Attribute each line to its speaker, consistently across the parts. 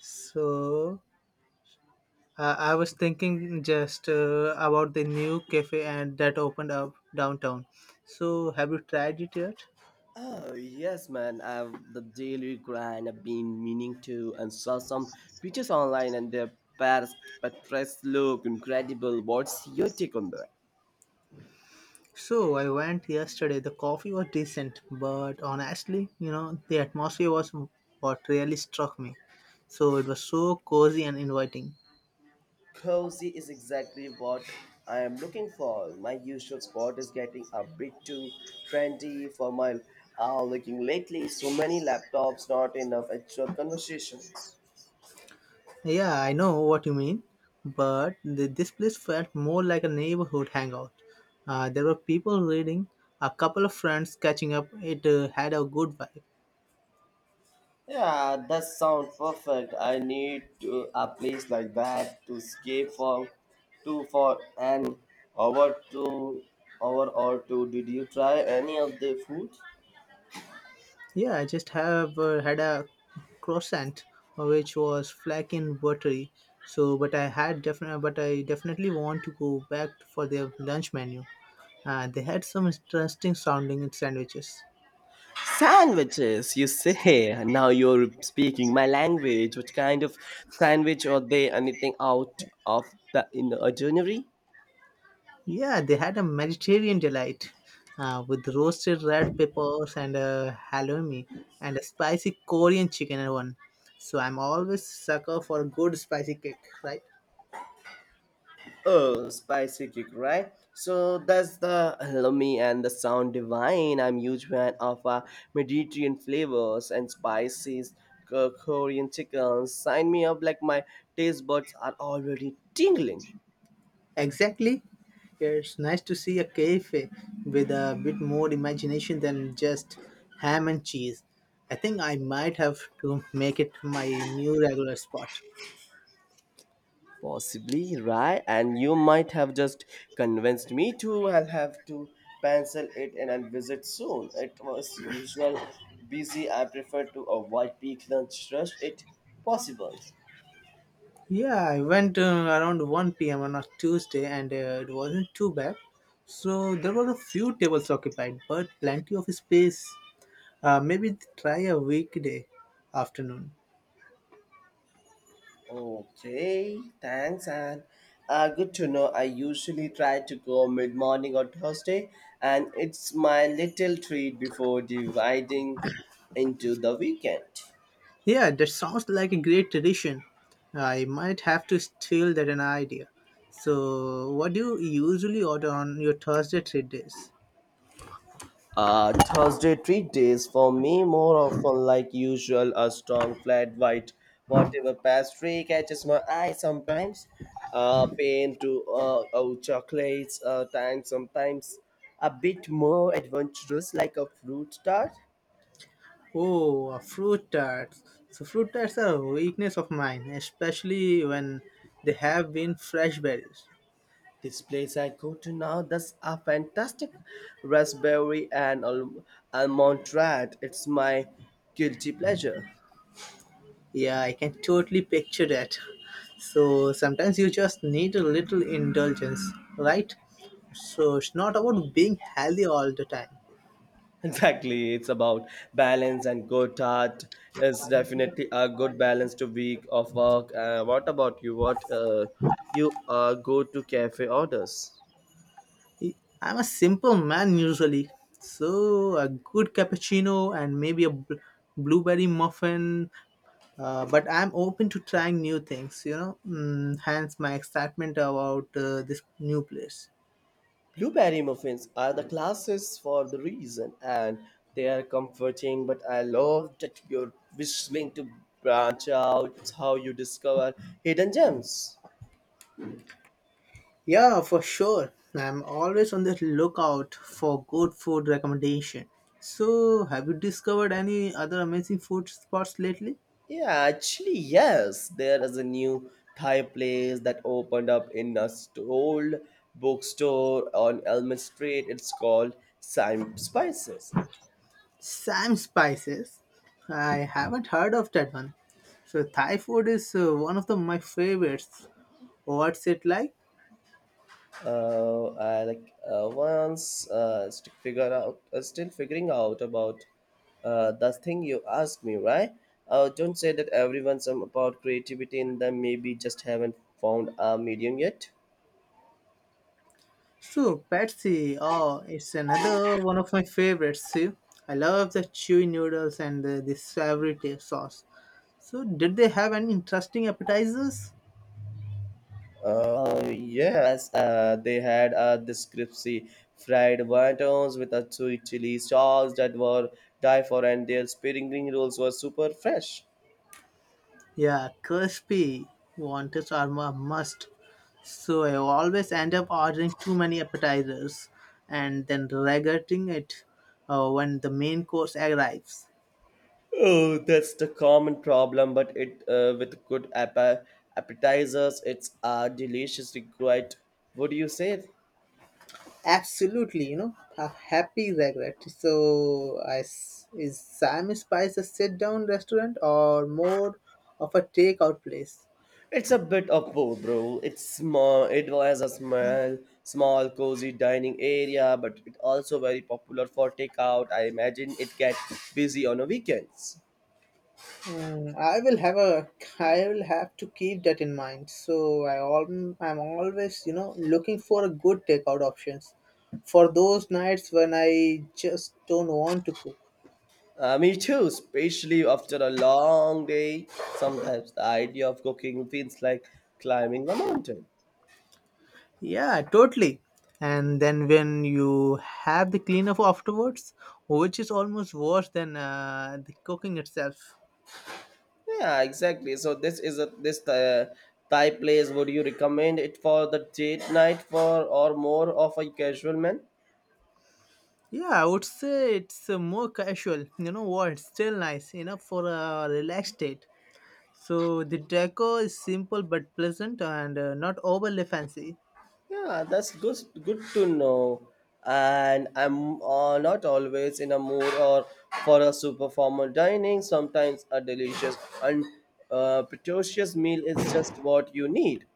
Speaker 1: So I was thinking just about the new cafe and that opened up downtown. So have you tried it yet?
Speaker 2: Oh yes, man. I've the daily grind. I've been meaning to and saw some pictures online, and their Paris Patres look incredible. What's your take on that?
Speaker 1: So I went yesterday. The coffee was decent, but honestly, the atmosphere was what really struck me. So it was so cozy and inviting.
Speaker 2: Cozy is exactly what I am looking for. My usual spot is getting a bit too trendy for my looking lately. So many laptops, not enough actual conversations.
Speaker 1: Yeah, I know what you mean, but this place felt more like a neighborhood hangout. There were people reading, a couple of friends catching up. It had a good vibe.
Speaker 2: Yeah, that sounds perfect. I need to, a place like that to escape for two for an hour to hour or two. Did you try any of the food?
Speaker 1: Yeah, I just have had a croissant which was flaky and buttery. So, but I definitely want to go back for their lunch menu. They had some interesting sounding sandwiches.
Speaker 2: Sandwiches, you say. Now you're speaking my language. What kind of sandwich are they? Anything out of the in the ordinary?
Speaker 1: Yeah, they had a Mediterranean delight with roasted red peppers and a halloumi and a spicy Korean chicken one. So I'm always sucker for a good spicy cake, right?
Speaker 2: Oh, spicy kick, right? So that's the lummy and the sound divine. I'm huge fan of Mediterranean flavors and spices, Korean chicken. Sign me up like my taste buds are already tingling.
Speaker 1: Exactly. It's nice to see a cafe with a bit more imagination than just ham and cheese. I think I might have to make it my new regular spot.
Speaker 2: Possibly, right? And you might have just convinced me to. I'll have to pencil it in and I'll visit soon. It was usual busy. I prefer to avoid peak lunch rush if possible.
Speaker 1: Yeah, I went around 1 p.m. on a Tuesday and it wasn't too bad. So there were a few tables occupied, but plenty of space. Maybe try a weekday afternoon.
Speaker 2: Okay, thanks, and good to know. I usually try to go mid morning on Thursday, and it's my little treat before dividing into the weekend.
Speaker 1: Yeah, that sounds like a great tradition. I might have to steal that an idea. So, what do you usually order on your Thursday treat days?
Speaker 2: Thursday treat days for me more often like usual a strong flat white whatever pastry catches my eye sometimes pain to oh chocolates time sometimes a bit more adventurous like a fruit tart.
Speaker 1: Oh, fruit tarts. So, fruit tarts are a weakness of mine, especially when they have been fresh berries.
Speaker 2: This place I go to now does a fantastic raspberry and almond tart. It's my guilty pleasure.
Speaker 1: Yeah, I can totally picture that. So, sometimes you just need a little indulgence, right? So, it's not about being healthy all the time.
Speaker 2: Exactly, it's about balance and good tart. It's definitely a good balance to week of work. What about you? What you go to cafe orders?
Speaker 1: I'm a simple man usually, so a good cappuccino and maybe a blueberry muffin. But I'm open to trying new things, hence my excitement about this new place.
Speaker 2: Blueberry muffins are the classics for the reason, and they are comforting. But I love that you're whistling to branch out. It's how you discover hidden gems.
Speaker 1: Yeah, for sure. I'm always on the lookout for good food recommendation. So, have you discovered any other amazing food spots lately?
Speaker 2: Yeah, actually, yes, there is a new Thai place that opened up in a old bookstore on Elm Street. It's called Sime Spices.
Speaker 1: Sam Spices. I haven't heard of that one. So Thai food is one of my favorites. What's it like?
Speaker 2: I like once figure out still figuring out about the thing you asked me right don't say that everyone's about creativity in them maybe just haven't found a medium yet.
Speaker 1: So Patsy, oh, it's another one of my favorites. See, I love the chewy noodles and this savory sauce. So did they have any interesting appetizers?
Speaker 2: Yes they had this crispy fried wontons with a sweet chili sauce that were die for and their spring rolls were super fresh.
Speaker 1: Yeah, crispy wanted are a must. So I always end up ordering too many appetizers and then regretting it when the main course arrives.
Speaker 2: Oh, that's the common problem, but it with good appetizers, it's deliciously quite. What do you say?
Speaker 1: Absolutely, a happy regret. So is Sam Spice a sit down restaurant or more of a takeout place?
Speaker 2: It's a bit of both, bro. It's small. It was a small, cozy dining area, but it also very popular for takeout. I imagine it gets busy on the weekends.
Speaker 1: Mm, I will have a. I will have to keep that in mind. So I'm always looking for a good takeout options for those nights when I just don't want to cook.
Speaker 2: Me too, especially after a long day. Sometimes the idea of cooking feels like climbing a mountain.
Speaker 1: Yeah, totally. And then when you have the cleanup afterwards, which is almost worse than the cooking itself.
Speaker 2: Yeah, exactly. So this is a this Thai place. Would you recommend it for the date night for or more of a casual man?
Speaker 1: Yeah, I would say it's more casual. You know what? It's still nice enough for a relaxed date. So the decor is simple but pleasant and not overly fancy.
Speaker 2: Yeah, that's good. Good to know. And I'm not always in a mood or for a super formal dining. Sometimes a delicious and pretentious meal is just what you need.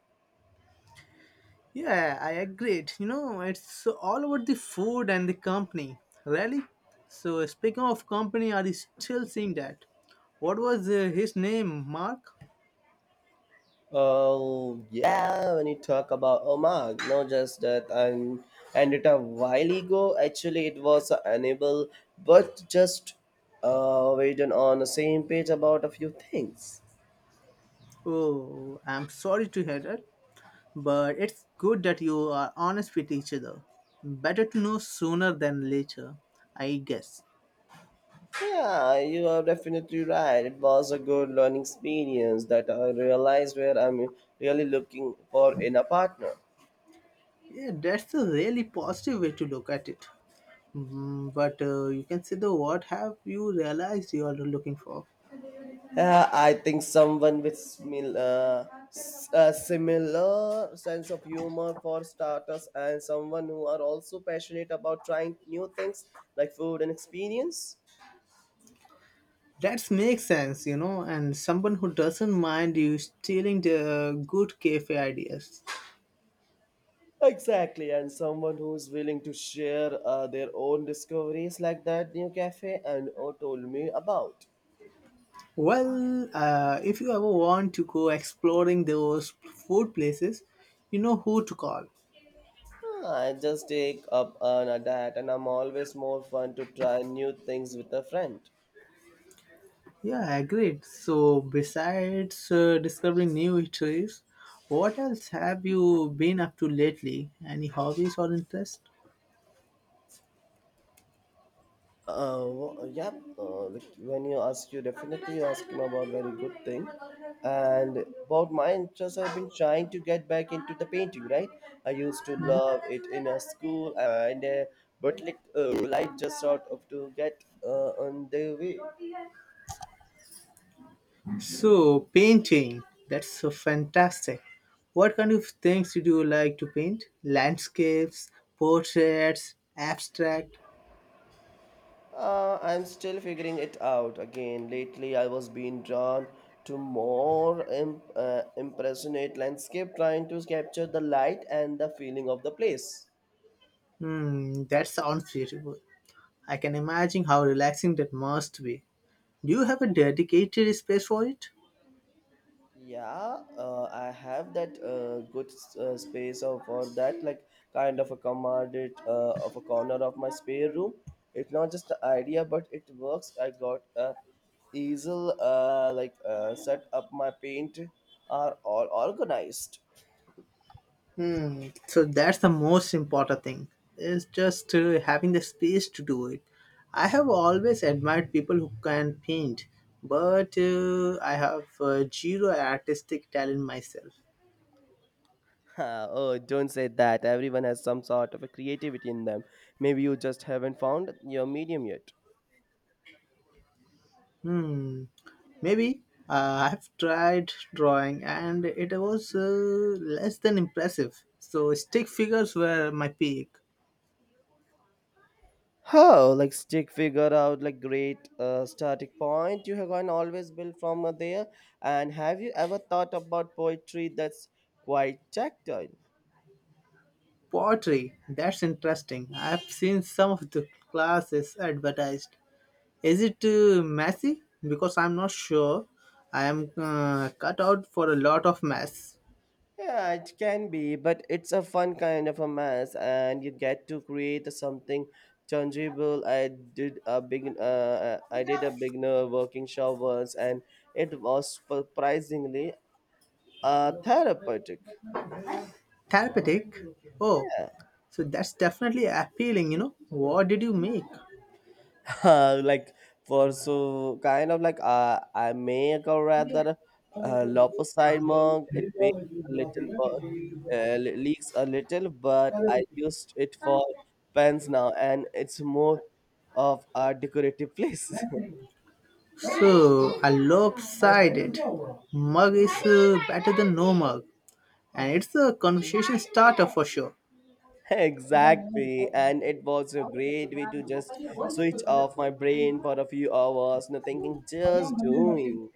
Speaker 1: Yeah, I agreed. You know, it's all about the food and the company, really. So speaking of company, are you still seeing that? What was his name, Mark?
Speaker 2: Oh yeah, when you talk about Omag, no, just that and it a while ago. Actually, it was unable, but just waiting on the same page about a few things.
Speaker 1: Oh, I'm sorry to hear that, but it's good that you are honest with each other. Better to know sooner than later, I guess.
Speaker 2: Yeah, you are definitely right. It was a good learning experience that I realized where I'm really looking for in a partner.
Speaker 1: Yeah, that's a really positive way to look at it. Mhm, but you can say the what have you realized you are looking for?
Speaker 2: I think someone with a similar sense of humor for starters and someone who are also passionate about trying new things like food and experience.
Speaker 1: That makes sense, and someone who doesn't mind you stealing the good cafe ideas.
Speaker 2: Exactly, and someone who's willing to share their own discoveries like that new cafe and oh, told me about.
Speaker 1: Well, if you ever want to go exploring those food places, you know who to call.
Speaker 2: Huh, I just take up on a diet and I'm always more fun to try new things with a friend.
Speaker 1: Yeah, agreed. So besides discovering new eateries, what else have you been up to lately? Any hobbies or interests?
Speaker 2: Yeah, like when you ask, you definitely asking about very good thing. And about my interest, I've been trying to get back into the painting. Right, I used to love it in a school, and but like life just sort of to get on the way.
Speaker 1: So, painting, that's so fantastic. What kind of things do you like to paint? Landscapes, portraits, abstract?
Speaker 2: I'm still figuring it out again. Lately, I was being drawn to more impressionate landscape, trying to capture the light and the feeling of the place.
Speaker 1: Hmm, that sounds beautiful. I can imagine how relaxing that must be. Do you have a dedicated space for it?
Speaker 2: Yeah, I have that good space of for that like kind of a commodity of a corner of my spare room. It's not just an idea, but it works. I got a easel, set up my paint are all organized.
Speaker 1: Hmm. So that's the most important thing. Is just having the space to do it. I have always admired people who can paint, but I have zero artistic talent myself.
Speaker 2: Ha, oh, don't say that. Everyone has some sort of a creativity in them. Maybe you just haven't found your medium yet.
Speaker 1: Hmm. Maybe I have tried drawing, and it was less than impressive. So stick figures were my peak.
Speaker 2: How like stick figure out like great starting point. You have gone always build from there. And have you ever thought about poetry that's quite tactile?
Speaker 1: Pottery. That's interesting. I've seen some of the classes advertised. Is it messy? Because I'm not sure I am cut out for a lot of mess.
Speaker 2: Yeah, it can be, but it's a fun kind of a mess, and you get to create something tangible. I did a beginner working shop once, and it was surprisingly therapeutic.
Speaker 1: Therapeutic? Oh,
Speaker 2: Yeah.
Speaker 1: so that's definitely appealing. What did you make?
Speaker 2: like for so kind of like I make a rather lopsided mug. It makes a little but leaks a little, but I used it for pens now, and it's more of a decorative place.
Speaker 1: So, a lopsided mug is better than no mug, and it's a conversation starter for sure. Mm-hmm.
Speaker 2: Exactly, and it was a great way to just switch off my brain for a few hours, no thinking, just doing.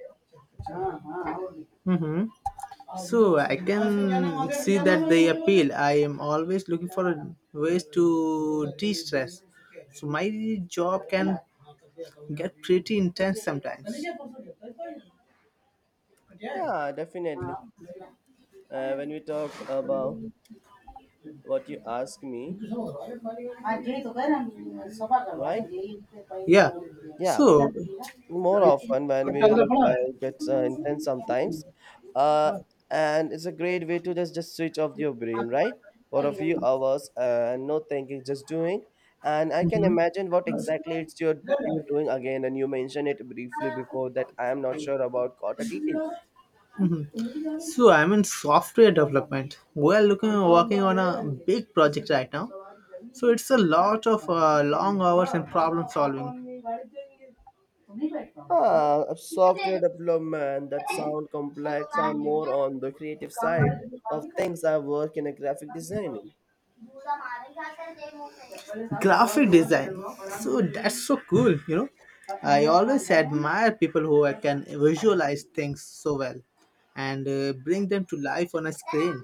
Speaker 1: So I can see that they appeal. I am always looking for ways to de-stress. So my job can get pretty intense sometimes.
Speaker 2: Yeah, definitely. When we talk about what you ask me,
Speaker 1: Agree so far the one
Speaker 2: right?
Speaker 1: and leave the five. Yeah. So,
Speaker 2: Yeah,
Speaker 1: mhm.
Speaker 2: more
Speaker 1: Mhm.
Speaker 2: often when we like gets intense sometimes, uh, and it's a great way to just switch off your brain, right? For a few hours and no thinking, just doing. And I can imagine what exactly it's you're doing again, and you mentioned it briefly before that I am not sure about quarter details.
Speaker 1: So I'm in software development. We are looking working on a big project right now. So it's a lot of long hours and problem solving.
Speaker 2: Ah, a software development that sound complex. I'm more on the creative side of things. I work in a graphic designing.
Speaker 1: Graphic design, so that's so cool, I always admire people who can visualize things so well and bring them to life on a screen.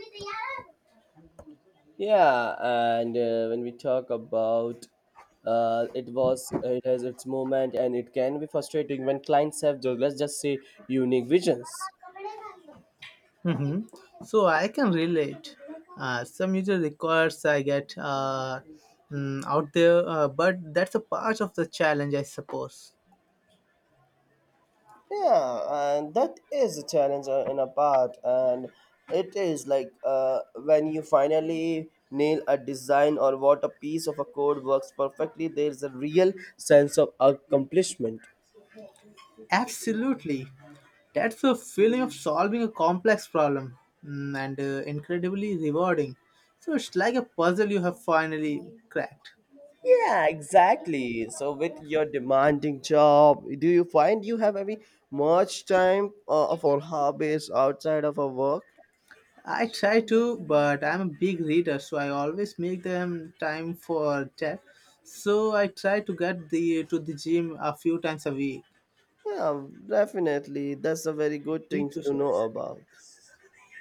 Speaker 2: Yeah, and when we talk about it was it has its moment and it can be frustrating when clients have let's just say unique visions.
Speaker 1: Hmm. So I can relate. Some user requires I get out there, but that's a part of the challenge, I suppose.
Speaker 2: Yeah, and that is a challenge in a part, and it is like when you finally nail a design or what a piece of a code works perfectly, there's a real sense of accomplishment.
Speaker 1: Absolutely. That's the feeling of solving a complex problem, and incredibly rewarding. So it's like a puzzle you have finally cracked.
Speaker 2: Yeah, exactly. So with your demanding job, do you find you have any much time for hobbies outside of a work?
Speaker 1: I try to, but I'm a big reader, so I always make them time for that. So I try to get the to the gym a few times a week.
Speaker 2: Yeah, definitely. That's a very good
Speaker 1: Need
Speaker 2: thing
Speaker 1: to
Speaker 2: to
Speaker 1: show.
Speaker 2: know about.